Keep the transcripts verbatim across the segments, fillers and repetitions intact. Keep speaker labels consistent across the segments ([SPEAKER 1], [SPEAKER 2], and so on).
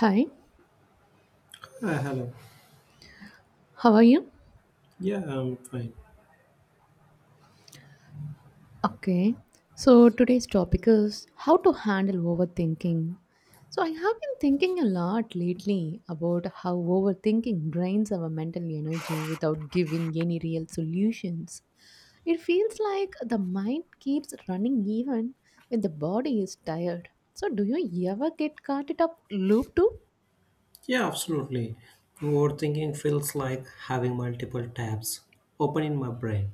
[SPEAKER 1] Hi,
[SPEAKER 2] Uh, hello.
[SPEAKER 1] how are you?
[SPEAKER 2] Yeah, I'm fine.
[SPEAKER 1] Okay, so today's topic is how to handle overthinking. So, I have been thinking a lot lately about how overthinking drains our mental energy without giving any real solutions. It feels like the mind keeps running even when the body is tired. So, do you ever get caught it up loop too?
[SPEAKER 2] Yeah, absolutely. Overthinking feels like having multiple tabs open in my brain,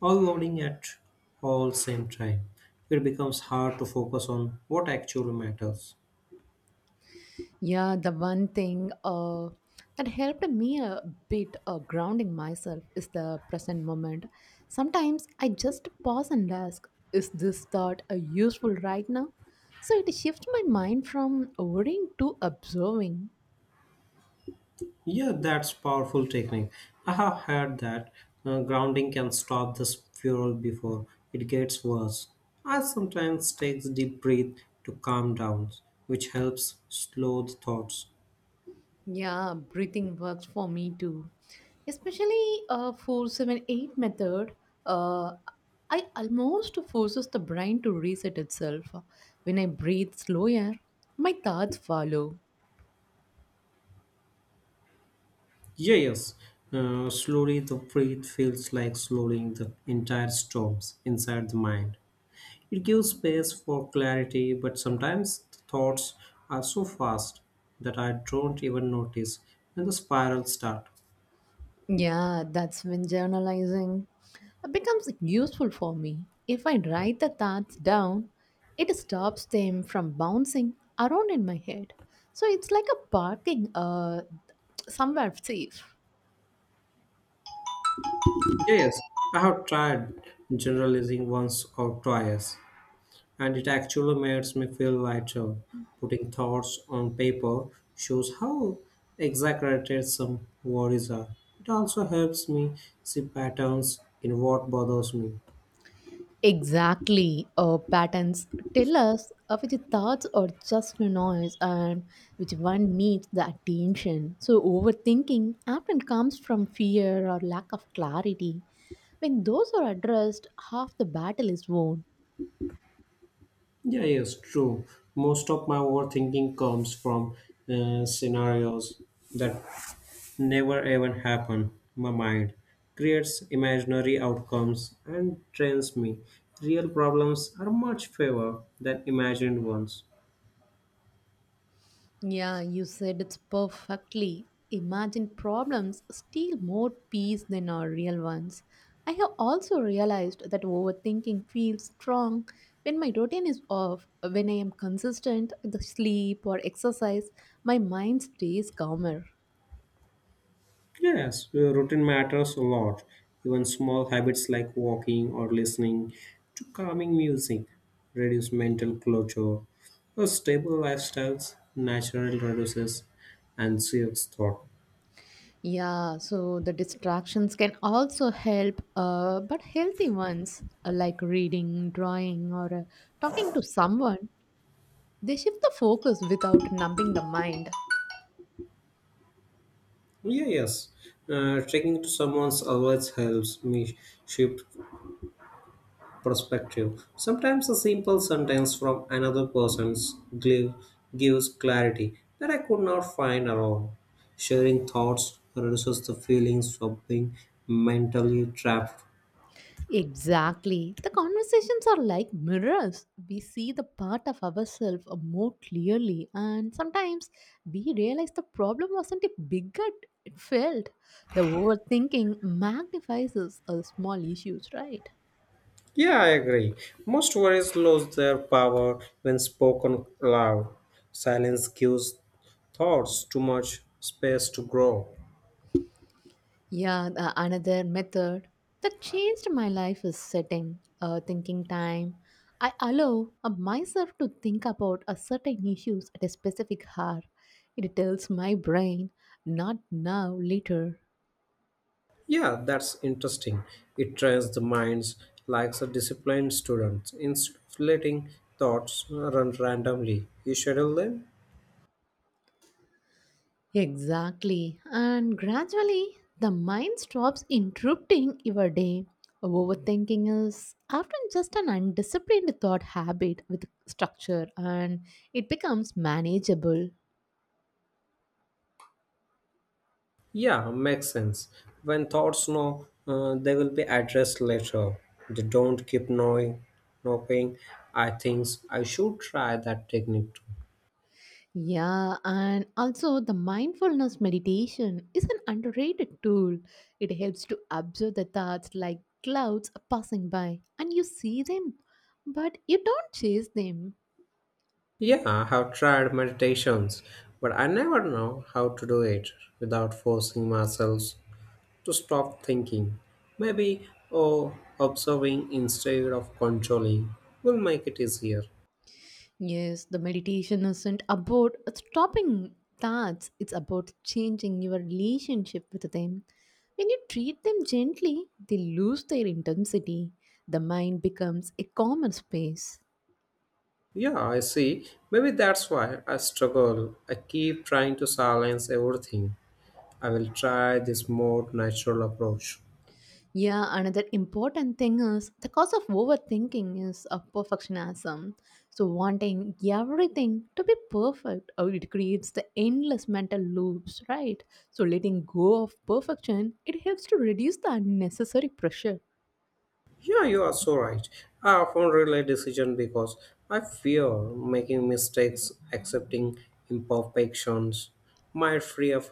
[SPEAKER 2] all loading at all same time. It becomes hard to focus on what actually matters.
[SPEAKER 1] Yeah, the one thing uh, that helped me a bit uh, grounding myself is the present moment. Sometimes I just pause and ask, is this thought uh, useful right now? So it shifts my mind from worrying to observing.
[SPEAKER 2] Yeah, that's powerful technique. I have heard that uh, grounding can stop the spiral before it gets worse. I sometimes take a deep breath to calm down, which helps slow the thoughts.
[SPEAKER 1] Yeah, breathing works for me too. Especially uh, four seven eight method, uh, I almost forces the brain to reset itself. When I breathe slower, my thoughts follow.
[SPEAKER 2] Yeah, yes. Uh, slowly, the breath feels like slowing the entire storms inside the mind. It gives space for clarity, but sometimes the thoughts are so fast that I don't even notice when the spirals start.
[SPEAKER 1] Yeah, that's when journalizing becomes useful for me. If I write the thoughts down, it stops them from bouncing around in my head. So it's like a parking uh, somewhere safe.
[SPEAKER 2] Yeah, yes, I have tried generalizing once or twice, and it actually makes me feel lighter. Putting thoughts on paper shows how exaggerated some worries are. It also helps me see patterns in what bothers me.
[SPEAKER 1] Exactly. Uh, patterns tell us uh, which thoughts are just noise and which one needs the attention. So, overthinking often comes from fear or lack of clarity. When those are addressed, half the battle is won.
[SPEAKER 2] Yeah, yes, true. Most of my overthinking comes from uh, scenarios that never even happen. My mind creates imaginary outcomes and trains me. Real problems are much fewer than imagined ones.
[SPEAKER 1] Yeah, you said it's perfectly. Imagine problems steal more peace than our real ones. I have also realized that overthinking feels strong when my routine is off. When I am consistent with the sleep or exercise, my mind stays calmer.
[SPEAKER 2] Yes, uh, routine matters a lot. Even small habits like walking or listening to calming music reduce mental clutter. A stable lifestyle naturally reduces anxious thought.
[SPEAKER 1] Yeah, so the distractions can also help, uh, but healthy ones uh, like reading, drawing, or uh, talking to someone, they shift the focus without numbing the mind.
[SPEAKER 2] Yeah, yes. Uh, talking to someone always helps me shift perspective. Sometimes a simple sentence from another person's glue gives clarity that I could not find alone. Sharing thoughts reduces the feelings of being mentally trapped.
[SPEAKER 1] Exactly. The conversations are like mirrors. We see the part of ourselves more clearly, and sometimes we realize the problem wasn't a bigot. It felt. The overthinking magnifies us uh, small issues, right?
[SPEAKER 2] Yeah, I agree. Most words lose their power when spoken aloud. Silence gives thoughts too much space to grow.
[SPEAKER 1] Yeah, the another method that changed my life is setting a thinking time. I allow uh, myself to think about a certain issues at a specific hour. It tells my brain, not now, later.
[SPEAKER 2] Yeah, that's interesting. It trains the minds like a disciplined student. Instead of letting thoughts run randomly, you schedule them.
[SPEAKER 1] Exactly. And gradually, the mind stops interrupting your day. Overthinking is often just an undisciplined thought habit with structure and it becomes manageable.
[SPEAKER 2] Yeah, makes sense. When thoughts know, uh, they will be addressed later. They don't keep knowing, knowing. I think I should try that technique too.
[SPEAKER 1] Yeah, and also the mindfulness meditation is an underrated tool. It helps to observe the thoughts like clouds passing by and you see them, but you don't chase them.
[SPEAKER 2] Yeah, I have tried meditations, but I never know how to do it without forcing myself to stop thinking. Maybe oh, observing instead of controlling will make it easier.
[SPEAKER 1] Yes, the meditation isn't about stopping thoughts, it's about changing your relationship with them. When you treat them gently, they lose their intensity. The mind becomes a common space.
[SPEAKER 2] Yeah, I see. Maybe that's why I struggle. I keep trying to silence everything. I will try this more natural approach.
[SPEAKER 1] Yeah, another important thing is the cause of overthinking is of perfectionism. So, wanting everything to be perfect, or it creates the endless mental loops, right? So, letting go of perfection, it helps to reduce the unnecessary pressure.
[SPEAKER 2] Yeah, you are so right. I often relay decision because I fear making mistakes, accepting imperfections might free up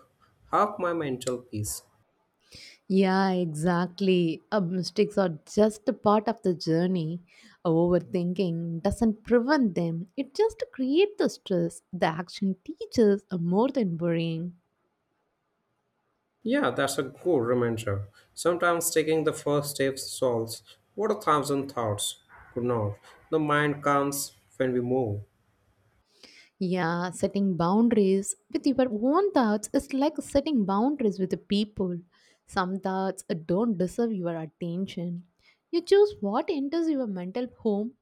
[SPEAKER 2] half my mental peace.
[SPEAKER 1] Yeah, exactly. Uh, mistakes are just a part of the journey. Overthinking doesn't prevent them, it just creates the stress. The action teaches are more than worrying.
[SPEAKER 2] Yeah, that's a good reminder. Sometimes taking the first steps solves what a thousand thoughts could not. The mind comes when we move.
[SPEAKER 1] Yeah, setting boundaries with your own thoughts is like setting boundaries with the people. Some thoughts uh, don't deserve your attention. You choose what enters your mental home.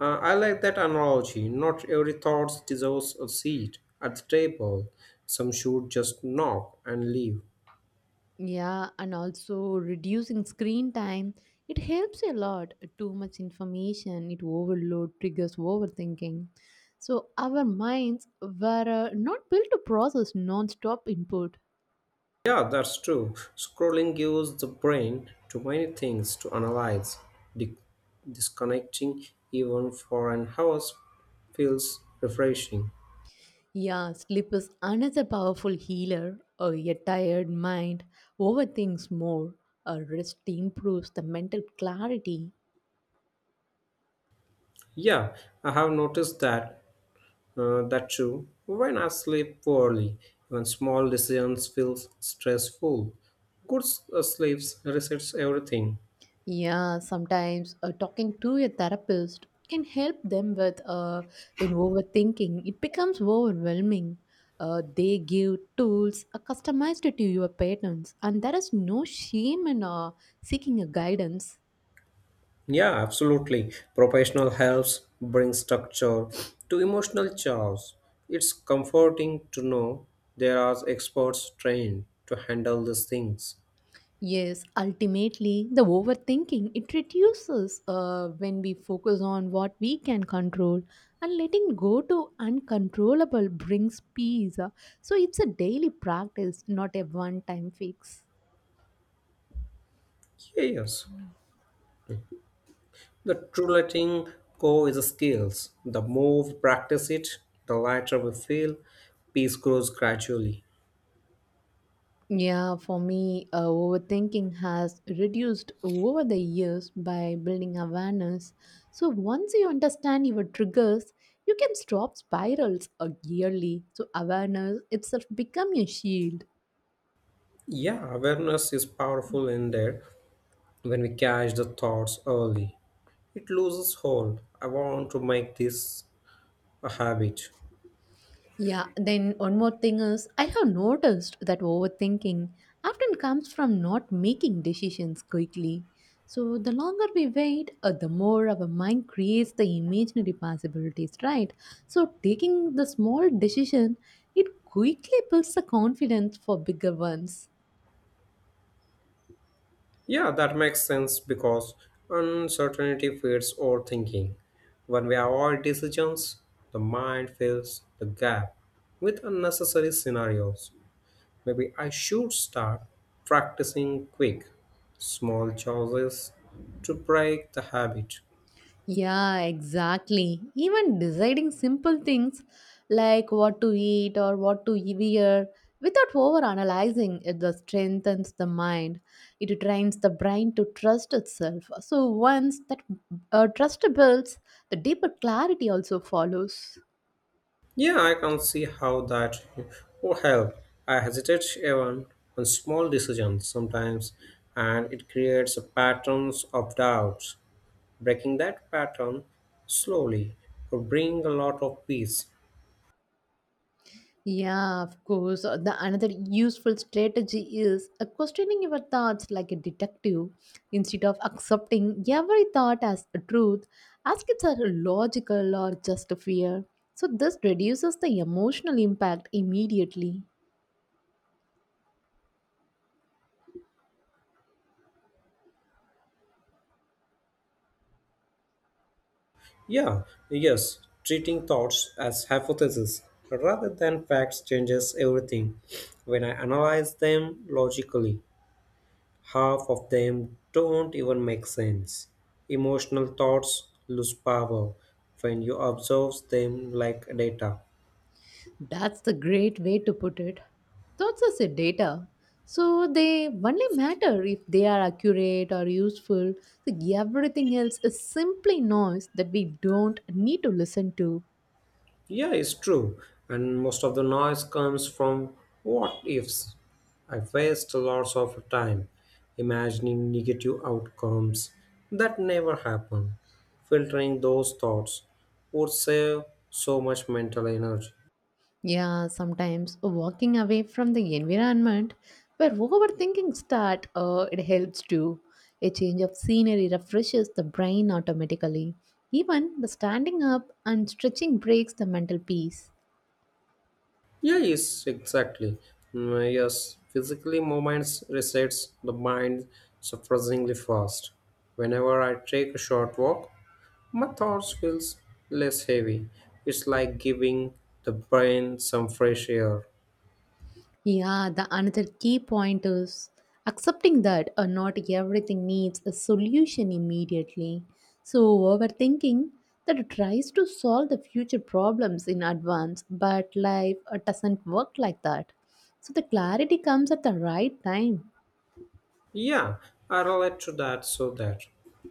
[SPEAKER 2] Uh, I like that analogy. Not every thought deserves a seat at the table. Some should just knock and leave.
[SPEAKER 1] Yeah, and also reducing screen time. It helps a lot. Too much information, it overload, triggers overthinking. So our minds were uh, not built to process non-stop input.
[SPEAKER 2] Yeah, that's true. Scrolling gives the brain too many things to analyze. Di- Disconnecting even for an hour feels refreshing.
[SPEAKER 1] Yeah, sleep is another powerful healer. Uh, A tired mind overthinks more. A rest improves the mental clarity.
[SPEAKER 2] Yeah, I have noticed that Uh, that too, when I sleep poorly, even small decisions feel stressful. Good s- uh, sleeps resets everything.
[SPEAKER 1] Yeah, sometimes uh, talking to a therapist can help them with uh, when overthinking it becomes overwhelming. Uh, they give tools uh, customized to your patterns, and there is no shame in uh, seeking a guidance.
[SPEAKER 2] Yeah, absolutely. Professional helps bring structure to emotional chaos. It's comforting to know there are experts trained to handle these things.
[SPEAKER 1] Yes, ultimately, the overthinking it reduces uh, when we focus on what we can control, and letting go to uncontrollable brings peace. So it's a daily practice, not a one-time fix.
[SPEAKER 2] Yes, the true letting go is a skill. The more we practice it, the lighter we feel. Peace grows gradually.
[SPEAKER 1] Yeah, for me, uh, overthinking has reduced over the years by building awareness. So once you understand your triggers, you can stop spirals uh, yearly. So awareness itself become your shield.
[SPEAKER 2] Yeah, awareness is powerful in that when we catch the thoughts early, it loses hold. I want to make this a habit.
[SPEAKER 1] Yeah, then one more thing is I have noticed that overthinking often comes from not making decisions quickly. So the longer we wait, uh, the more our mind creates the imaginary possibilities, right? So taking the small decision, it quickly builds the confidence for bigger ones.
[SPEAKER 2] Yeah, that makes sense because uncertainty feeds overthinking. When we avoid decisions, the mind fills the gap with unnecessary scenarios. Maybe I should start practicing quick, small choices to break the habit.
[SPEAKER 1] Yeah, exactly. Even deciding simple things like what to eat or what to e-, wear without over analyzing it just strengthens the mind. It trains the brain to trust itself. So once that uh, trust builds, the deeper clarity also follows.
[SPEAKER 2] Yeah, I can see how that would help. I hesitate even on small decisions sometimes, and it creates a patterns of doubts. Breaking that pattern slowly would bring a lot of peace.
[SPEAKER 1] Yeah, of course. Uh, The another useful strategy is uh, questioning your thoughts like a detective. Instead of accepting every thought as a truth, ask if it's a logical or just a fear. So this reduces the emotional impact immediately.
[SPEAKER 2] Yeah, yes, treating thoughts as hypotheses rather than facts changes everything. When I analyze them logically, half of them don't even make sense. Emotional thoughts lose power when you observe them like data.
[SPEAKER 1] That's the great way to put it. Thoughts as a data. So they only matter if they are accurate or useful. So everything else is simply noise that we don't need to listen to.
[SPEAKER 2] Yeah, it's true. And most of the noise comes from what ifs. I waste lots of time imagining negative outcomes that never happen. Filtering those thoughts would save so much mental energy.
[SPEAKER 1] Yeah, sometimes walking away from the environment where overthinking start, uh, it helps too. A change of scenery refreshes the brain automatically. Even the standing up and stretching breaks the mental peace.
[SPEAKER 2] Yeah, yes, exactly. Mm, yes, physically movements resets the mind surprisingly fast. Whenever I take a short walk, my thoughts feels less heavy. It's like giving the brain some fresh air.
[SPEAKER 1] Yeah, the another key point is accepting that uh, not everything needs a solution immediately. So, overthinking that tries to solve the future problems in advance, but life uh, doesn't work like that. So, the clarity comes at the right time.
[SPEAKER 2] Yeah, I relate to that so that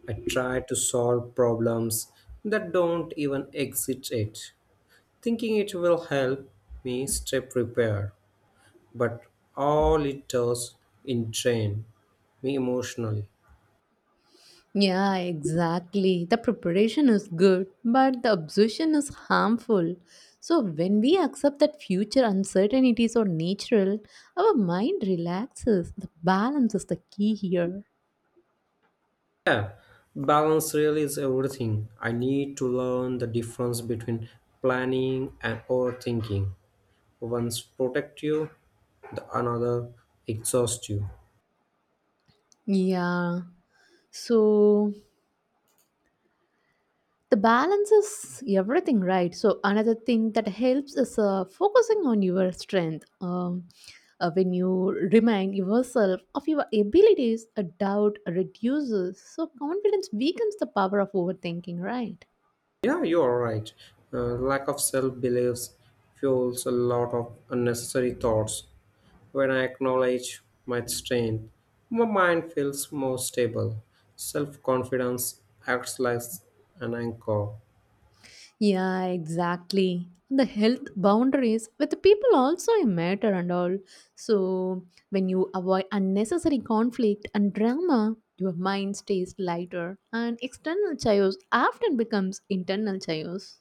[SPEAKER 2] I try to solve problems that don't even exist yet, thinking it will help me stay prepared. But all it does in drain me emotionally.
[SPEAKER 1] Yeah, exactly. The preparation is good, but the obsession is harmful. So, when we accept that future uncertainties are natural, our mind relaxes. The balance is the key here.
[SPEAKER 2] Yeah, balance really is everything. I need to learn the difference between planning and overthinking. One's protect you, the another exhaust you.
[SPEAKER 1] Yeah. So, the balance is everything, right? So another thing that helps is uh, focusing on your strength, um, uh, when you remind yourself of your abilities a doubt reduces, so confidence weakens the power of overthinking, right?
[SPEAKER 2] Yeah, you are right. Uh, lack of self beliefs fuels a lot of unnecessary thoughts. When I acknowledge my strength, my mind feels more stable. Self confidence acts like an anchor.
[SPEAKER 1] Yeah, exactly. The health boundaries with the people also a matter and all. So when you avoid unnecessary conflict and drama, your mind stays lighter and external chaos often becomes internal chaos.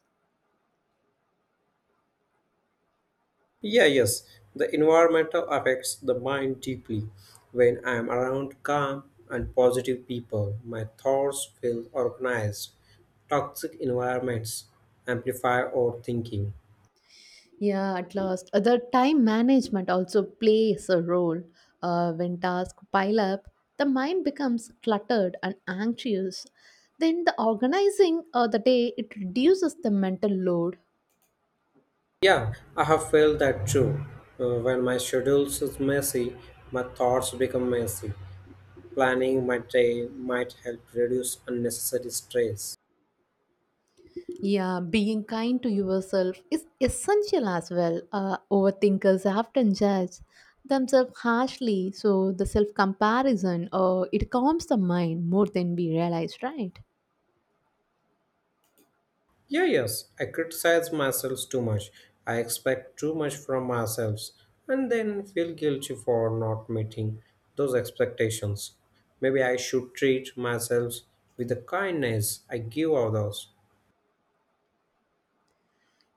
[SPEAKER 2] Yeah, yes. The environmental affects the mind deeply. When I am around calm and positive people, my thoughts feel organized. Toxic environments amplify our thinking.
[SPEAKER 1] Yeah, at last. Uh, The time management also plays a role. Uh, when tasks pile up, the mind becomes cluttered and anxious. Then the organizing of the day it reduces the mental load.
[SPEAKER 2] Yeah, I have felt that too. Uh, when my schedule is messy, my thoughts become messy. Planning my day might help reduce unnecessary stress.
[SPEAKER 1] Yeah, being kind to yourself is essential as well. Uh, overthinkers often judge themselves harshly, so the self comparison uh, it calms the mind more than we realize, right?
[SPEAKER 2] Yeah, yes, I criticize myself too much. I expect too much from myself and then feel guilty for not meeting those expectations. Maybe I should treat myself with the kindness I give others.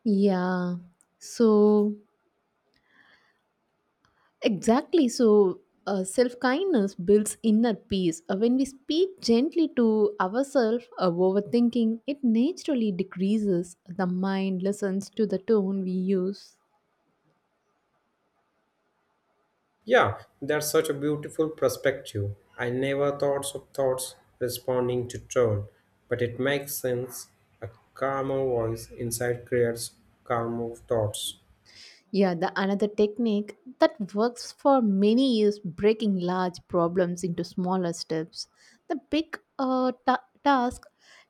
[SPEAKER 1] Yeah, so exactly. So uh, self kindness builds inner peace. Uh, when we speak gently to ourselves, uh, overthinking it naturally decreases. The mind listens to the tone we use.
[SPEAKER 2] Yeah, that's such a beautiful perspective. I never thought of thoughts responding to tone, but it makes sense. A calmer voice inside creates calmer thoughts.
[SPEAKER 1] Yeah, the another technique that works for many is breaking large problems into smaller steps. The big uh, ta- task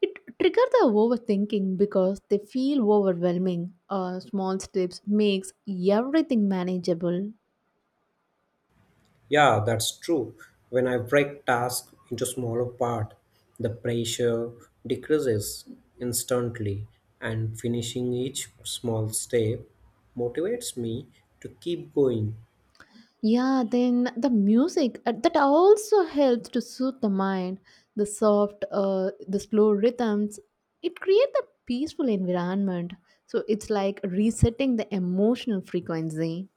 [SPEAKER 1] it trigger the overthinking because they feel overwhelming. Uh, small steps makes everything manageable.
[SPEAKER 2] Yeah, that's true. When I break tasks into smaller part, the pressure decreases instantly and finishing each small step motivates me to keep going.
[SPEAKER 1] Yeah, then the music uh, that also helps to soothe the mind. The soft, uh, the slow rhythms, it creates a peaceful environment. So it's like resetting the emotional frequency.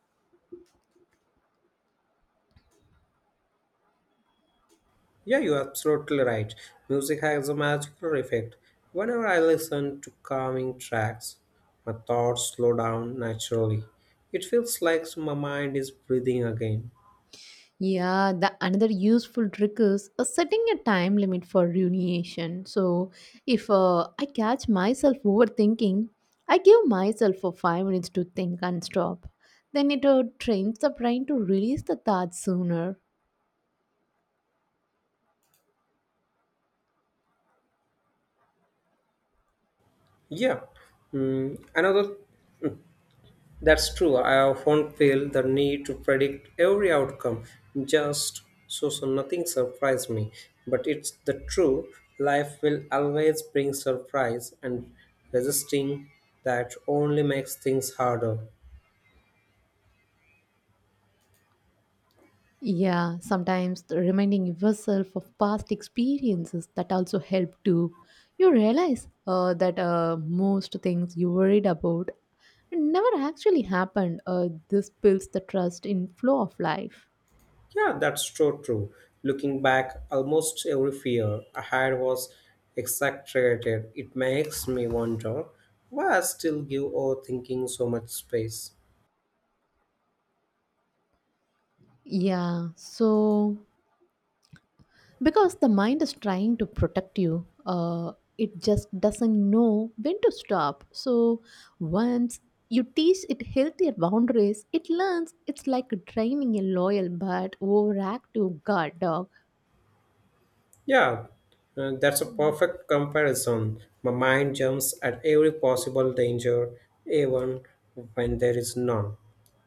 [SPEAKER 2] Yeah, you're absolutely right. Music has a magical effect. Whenever I listen to calming tracks, my thoughts slow down naturally. It feels like my mind is breathing again.
[SPEAKER 1] Yeah, the another useful trick is uh, setting a time limit for rumination. So if uh, I catch myself overthinking, I give myself for five minutes to think and stop. Then it uh, trains the brain to release the thoughts sooner.
[SPEAKER 2] Yeah. Mm, another That's true. I often feel the need to predict every outcome just so, so nothing surprised me. But it's the true life will always bring surprise, and resisting that only makes things harder.
[SPEAKER 1] Yeah, sometimes the reminding yourself of past experiences that also help too. You realize uh, that uh, most things you worried about never actually happened. Uh, this builds the trust in flow of life.
[SPEAKER 2] Yeah, that's so true. Looking back, almost every fear I had was exaggerated. It makes me wonder why I still give overthinking so much space.
[SPEAKER 1] Yeah, so because the mind is trying to protect you, uh, it just doesn't know when to stop. So once you teach it healthier boundaries, it learns. It's like training a loyal but overactive guard dog.
[SPEAKER 2] Yeah, uh, that's a perfect comparison. My mind jumps at every possible danger, even when there is none.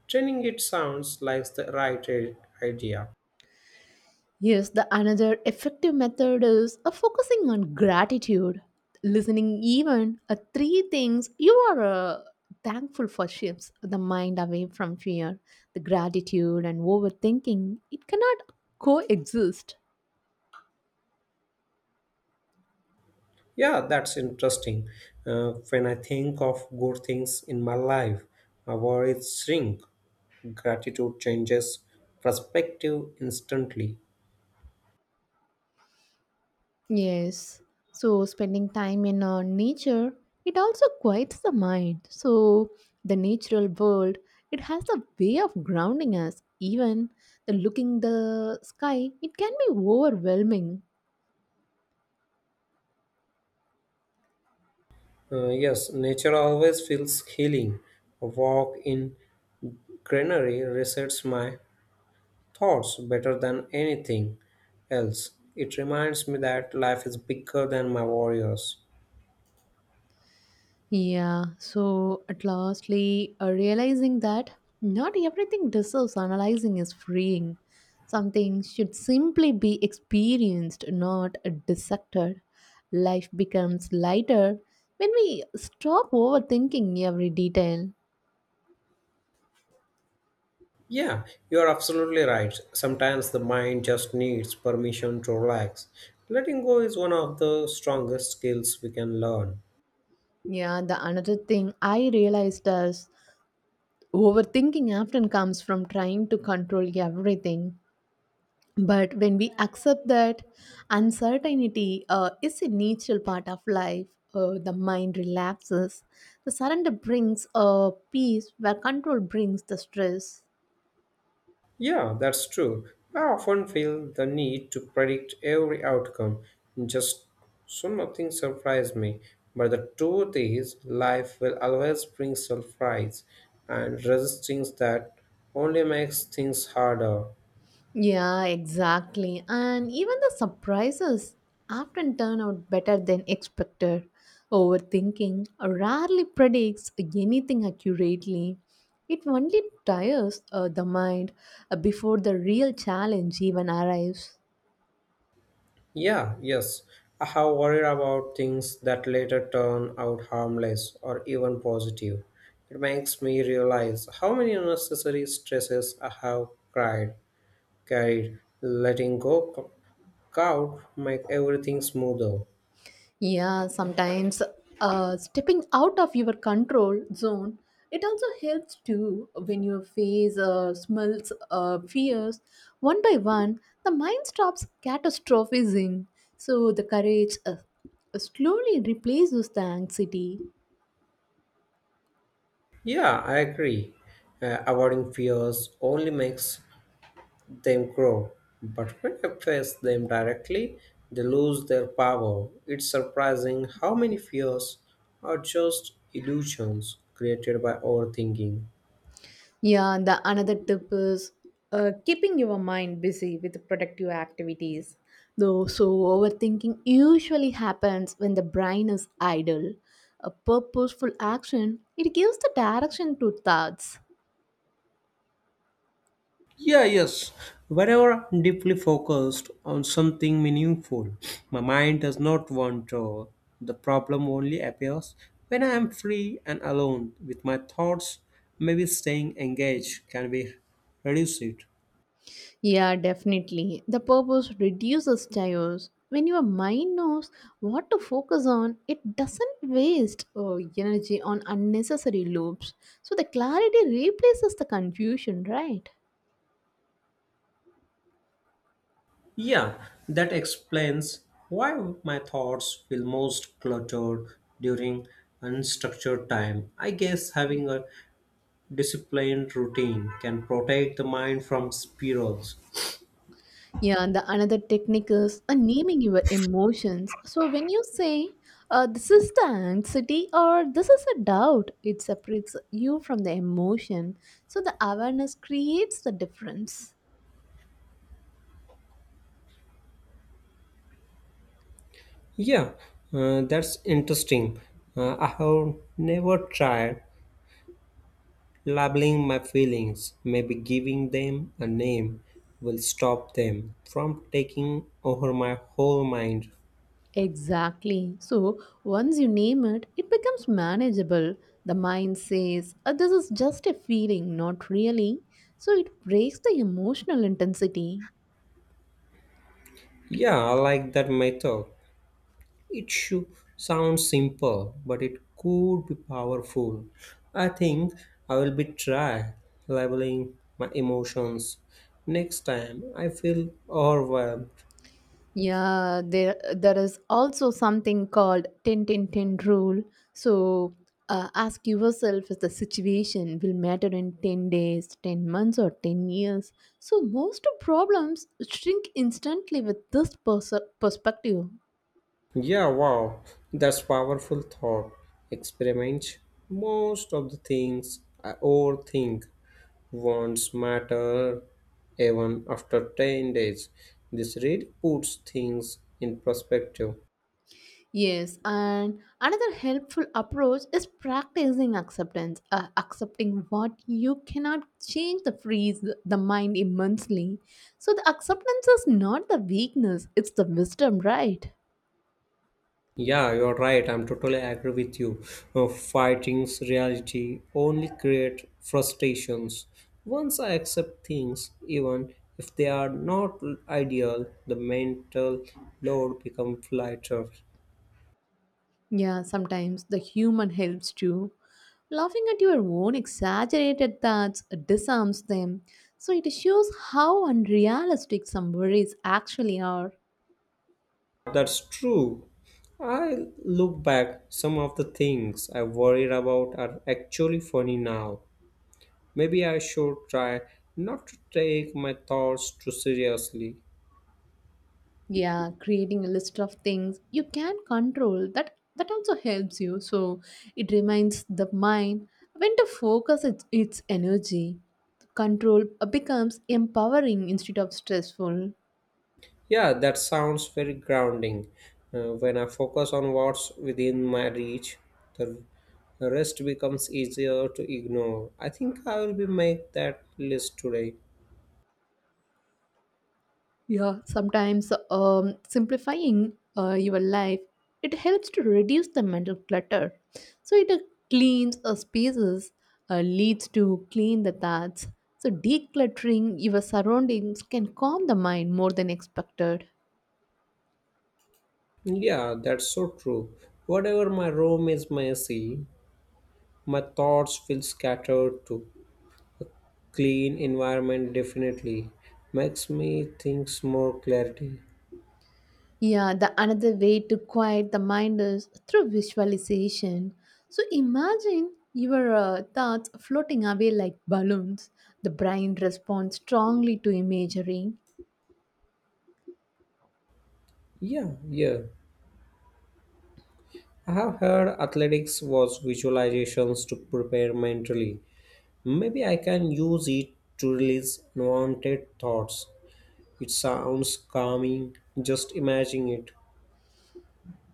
[SPEAKER 2] Training it sounds like the right i- idea.
[SPEAKER 1] Yes, the another effective method is uh, focusing on gratitude, listening even uh, three things you are uh, thankful for shifts the mind away from fear. The gratitude and overthinking it cannot coexist.
[SPEAKER 2] Yeah, that's interesting. Uh, when I think of good things in my life, my worries shrink, gratitude changes perspective instantly.
[SPEAKER 1] Yes. So spending time in uh, nature, it also quiets the mind. So the natural world, it has a way of grounding us. Even the looking the sky, it can be overwhelming.
[SPEAKER 2] Uh, yes, nature always feels healing. A walk in greenery resets my thoughts better than anything else. It reminds me that life is bigger than my warriors.
[SPEAKER 1] Yeah, so at lastly, uh, realizing that not everything deserves analyzing is freeing. Something should simply be experienced, not dissected. Life becomes lighter when we stop overthinking every detail.
[SPEAKER 2] Yeah, you're absolutely right. Sometimes the mind just needs permission to relax. Letting go is one of the strongest skills we can learn.
[SPEAKER 1] Yeah, the another thing I realized is overthinking often comes from trying to control everything. But when we accept that uncertainty uh, is a natural part of life, uh, the mind relaxes. The surrender brings a peace, where control brings the stress.
[SPEAKER 2] Yeah, that's true. I often feel the need to predict every outcome, just so nothing surprises me. But the truth is, life will always bring surprise, and resisting that only makes things harder.
[SPEAKER 1] Yeah, exactly. And even the surprises often turn out better than expected. Overthinking rarely predicts anything accurately. It only tires uh, the mind uh, before the real challenge even arrives.
[SPEAKER 2] Yeah, yes, I have worried about things that later turn out harmless or even positive. It makes me realize how many unnecessary stresses I have cried carried, letting go c- could make everything smoother.
[SPEAKER 1] Yeah, sometimes uh, stepping out of your control zone, it also helps too when you face uh, smells, uh, fears one by one. The mind stops catastrophizing, so the courage uh, slowly replaces the anxiety.
[SPEAKER 2] Yeah, I agree. Uh, avoiding fears only makes them grow, but when I face them directly, they lose their power. It's surprising how many fears are just illusions created by overthinking.
[SPEAKER 1] Yeah, and the another tip is uh, keeping your mind busy with productive activities. Though, so overthinking usually happens when the brain is idle. A purposeful action it gives the direction to thoughts.
[SPEAKER 2] Yeah, yes. Whenever I'm deeply focused on something meaningful, my mind does not wander. The problem only appears when I am free and alone with my thoughts. Maybe staying engaged can be reduce it.
[SPEAKER 1] Yeah, definitely. The purpose reduces chaos. When your mind knows what to focus on, it doesn't waste uh, energy on unnecessary loops. So the clarity replaces the confusion, right?
[SPEAKER 2] Yeah, that explains why my thoughts feel most cluttered during unstructured time. I guess having a disciplined routine can protect the mind from spirals.
[SPEAKER 1] Yeah, and the another technique is uh, naming your emotions. So when you say, uh, "This is the anxiety" or "This is a doubt," it separates you from the emotion. So the awareness creates the difference.
[SPEAKER 2] Yeah, uh, that's interesting. Uh, I have never tried labeling my feelings. Maybe giving them a name will stop them from taking over my whole mind.
[SPEAKER 1] Exactly. So once you name it, it becomes manageable. The mind says, "Uh, "This is just a feeling, not really." So it breaks the emotional intensity.
[SPEAKER 2] Yeah, I like that method. It should sound simple, but it could be powerful. I think I will be try labeling my emotions next time I feel overwhelmed.
[SPEAKER 1] Yeah, there there is also something called ten ten ten rule. So uh, ask yourself if the situation will matter in ten days, ten months, or ten years. So most of problems shrink instantly with this pers- perspective.
[SPEAKER 2] Yeah, wow, that's powerful thought. Experiment. Most of the things I overthink won't matter even after ten days. This really puts things in perspective.
[SPEAKER 1] Yes, and another helpful approach is practicing acceptance, uh, accepting what you cannot change the freeze the mind immensely. So the acceptance is not the weakness, it's the wisdom, right?
[SPEAKER 2] Yeah, you're right. I'm totally agree with you. Uh, fighting's reality only create frustrations. Once I accept things, even if they are not ideal, the mental load becomes lighter.
[SPEAKER 1] Yeah, sometimes the human helps too. Laughing at your own exaggerated thoughts disarms them. So it shows how unrealistic some worries actually are.
[SPEAKER 2] That's true. I look back, some of the things I worried about are actually funny now. Maybe I should try not to take my thoughts too seriously.
[SPEAKER 1] Yeah, creating a list of things you can control, that that also helps you. So it reminds the mind when to focus its, its energy. Control uh, becomes empowering instead of stressful.
[SPEAKER 2] Yeah, that sounds very grounding. Uh, when I focus on what's within my reach, the the rest becomes easier to ignore. I think I will be make that list today.
[SPEAKER 1] Yeah, sometimes um, simplifying uh, your life, it helps to reduce the mental clutter. So it uh, cleans uh, spaces uh, leads to clean the thoughts. So decluttering your surroundings can calm the mind more than expected.
[SPEAKER 2] Yeah, that's so true. Whatever my room is messy, my thoughts feel scattered too. Clean environment definitely makes me think more clarity.
[SPEAKER 1] Yeah, the another way to quiet the mind is through visualization. So imagine your uh, thoughts floating away like balloons. The brain responds strongly to imagery.
[SPEAKER 2] Yeah yeah I have heard athletics was visualizations to prepare mentally. Maybe I can use it to release unwanted thoughts. It sounds calming, just imagine it.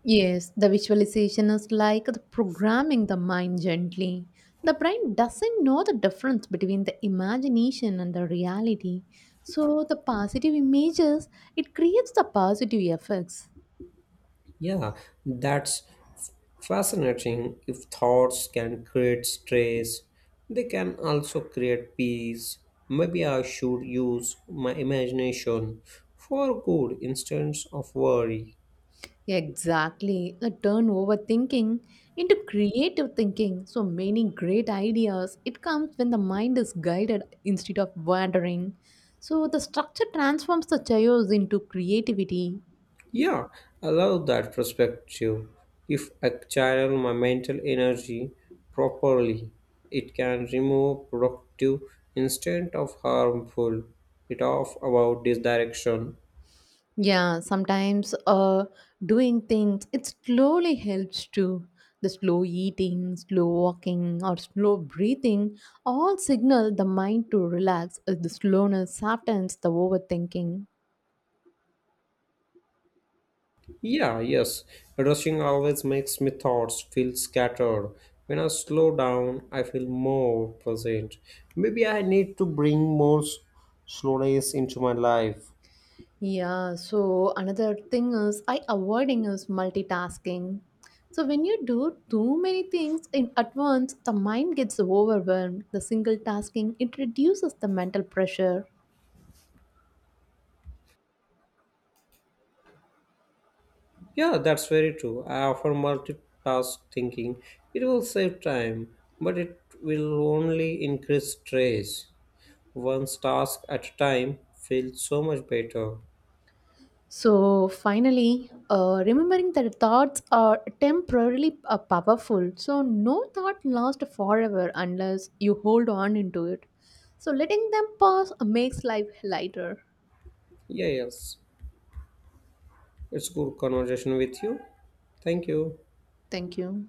[SPEAKER 1] Yes, the visualization is like the programming the mind gently. The brain doesn't know the difference between the imagination and the reality. So the positive images, it creates the positive effects.
[SPEAKER 2] Yeah, that's f- fascinating. If thoughts can create stress, they can also create peace. Maybe I should use my imagination for good instead of worry.
[SPEAKER 1] Exactly. A turn overthinking into creative thinking. So many great ideas. It comes when the mind is guided instead of wandering. So the structure transforms the chaos into creativity.
[SPEAKER 2] Yeah, I love that perspective. If I channel my mental energy properly, it can remove productive instead of harmful. It off about this direction.
[SPEAKER 1] Yeah, sometimes uh, doing things, it slowly helps too. The slow eating, slow walking, or slow breathing all signal the mind to relax as the slowness softens the overthinking.
[SPEAKER 2] Yeah, yes. Rushing always makes my thoughts feel scattered. When I slow down, I feel more present. Maybe I need to bring more s- slowness into my life.
[SPEAKER 1] Yeah, so another thing is I avoiding is multitasking. So when you do too many things in at once, the mind gets overwhelmed. The single tasking it reduces the mental pressure.
[SPEAKER 2] Yeah, that's very true. I offer multitask thinking. It will save time, but it will only increase stress. One task at a time feels so much better.
[SPEAKER 1] So finally, uh, remembering that thoughts are temporarily uh, powerful. So no thought lasts forever unless you hold on into it. So letting them pass makes life lighter.
[SPEAKER 2] Yeah, yes. It's good conversation with you. Thank you.
[SPEAKER 1] Thank you.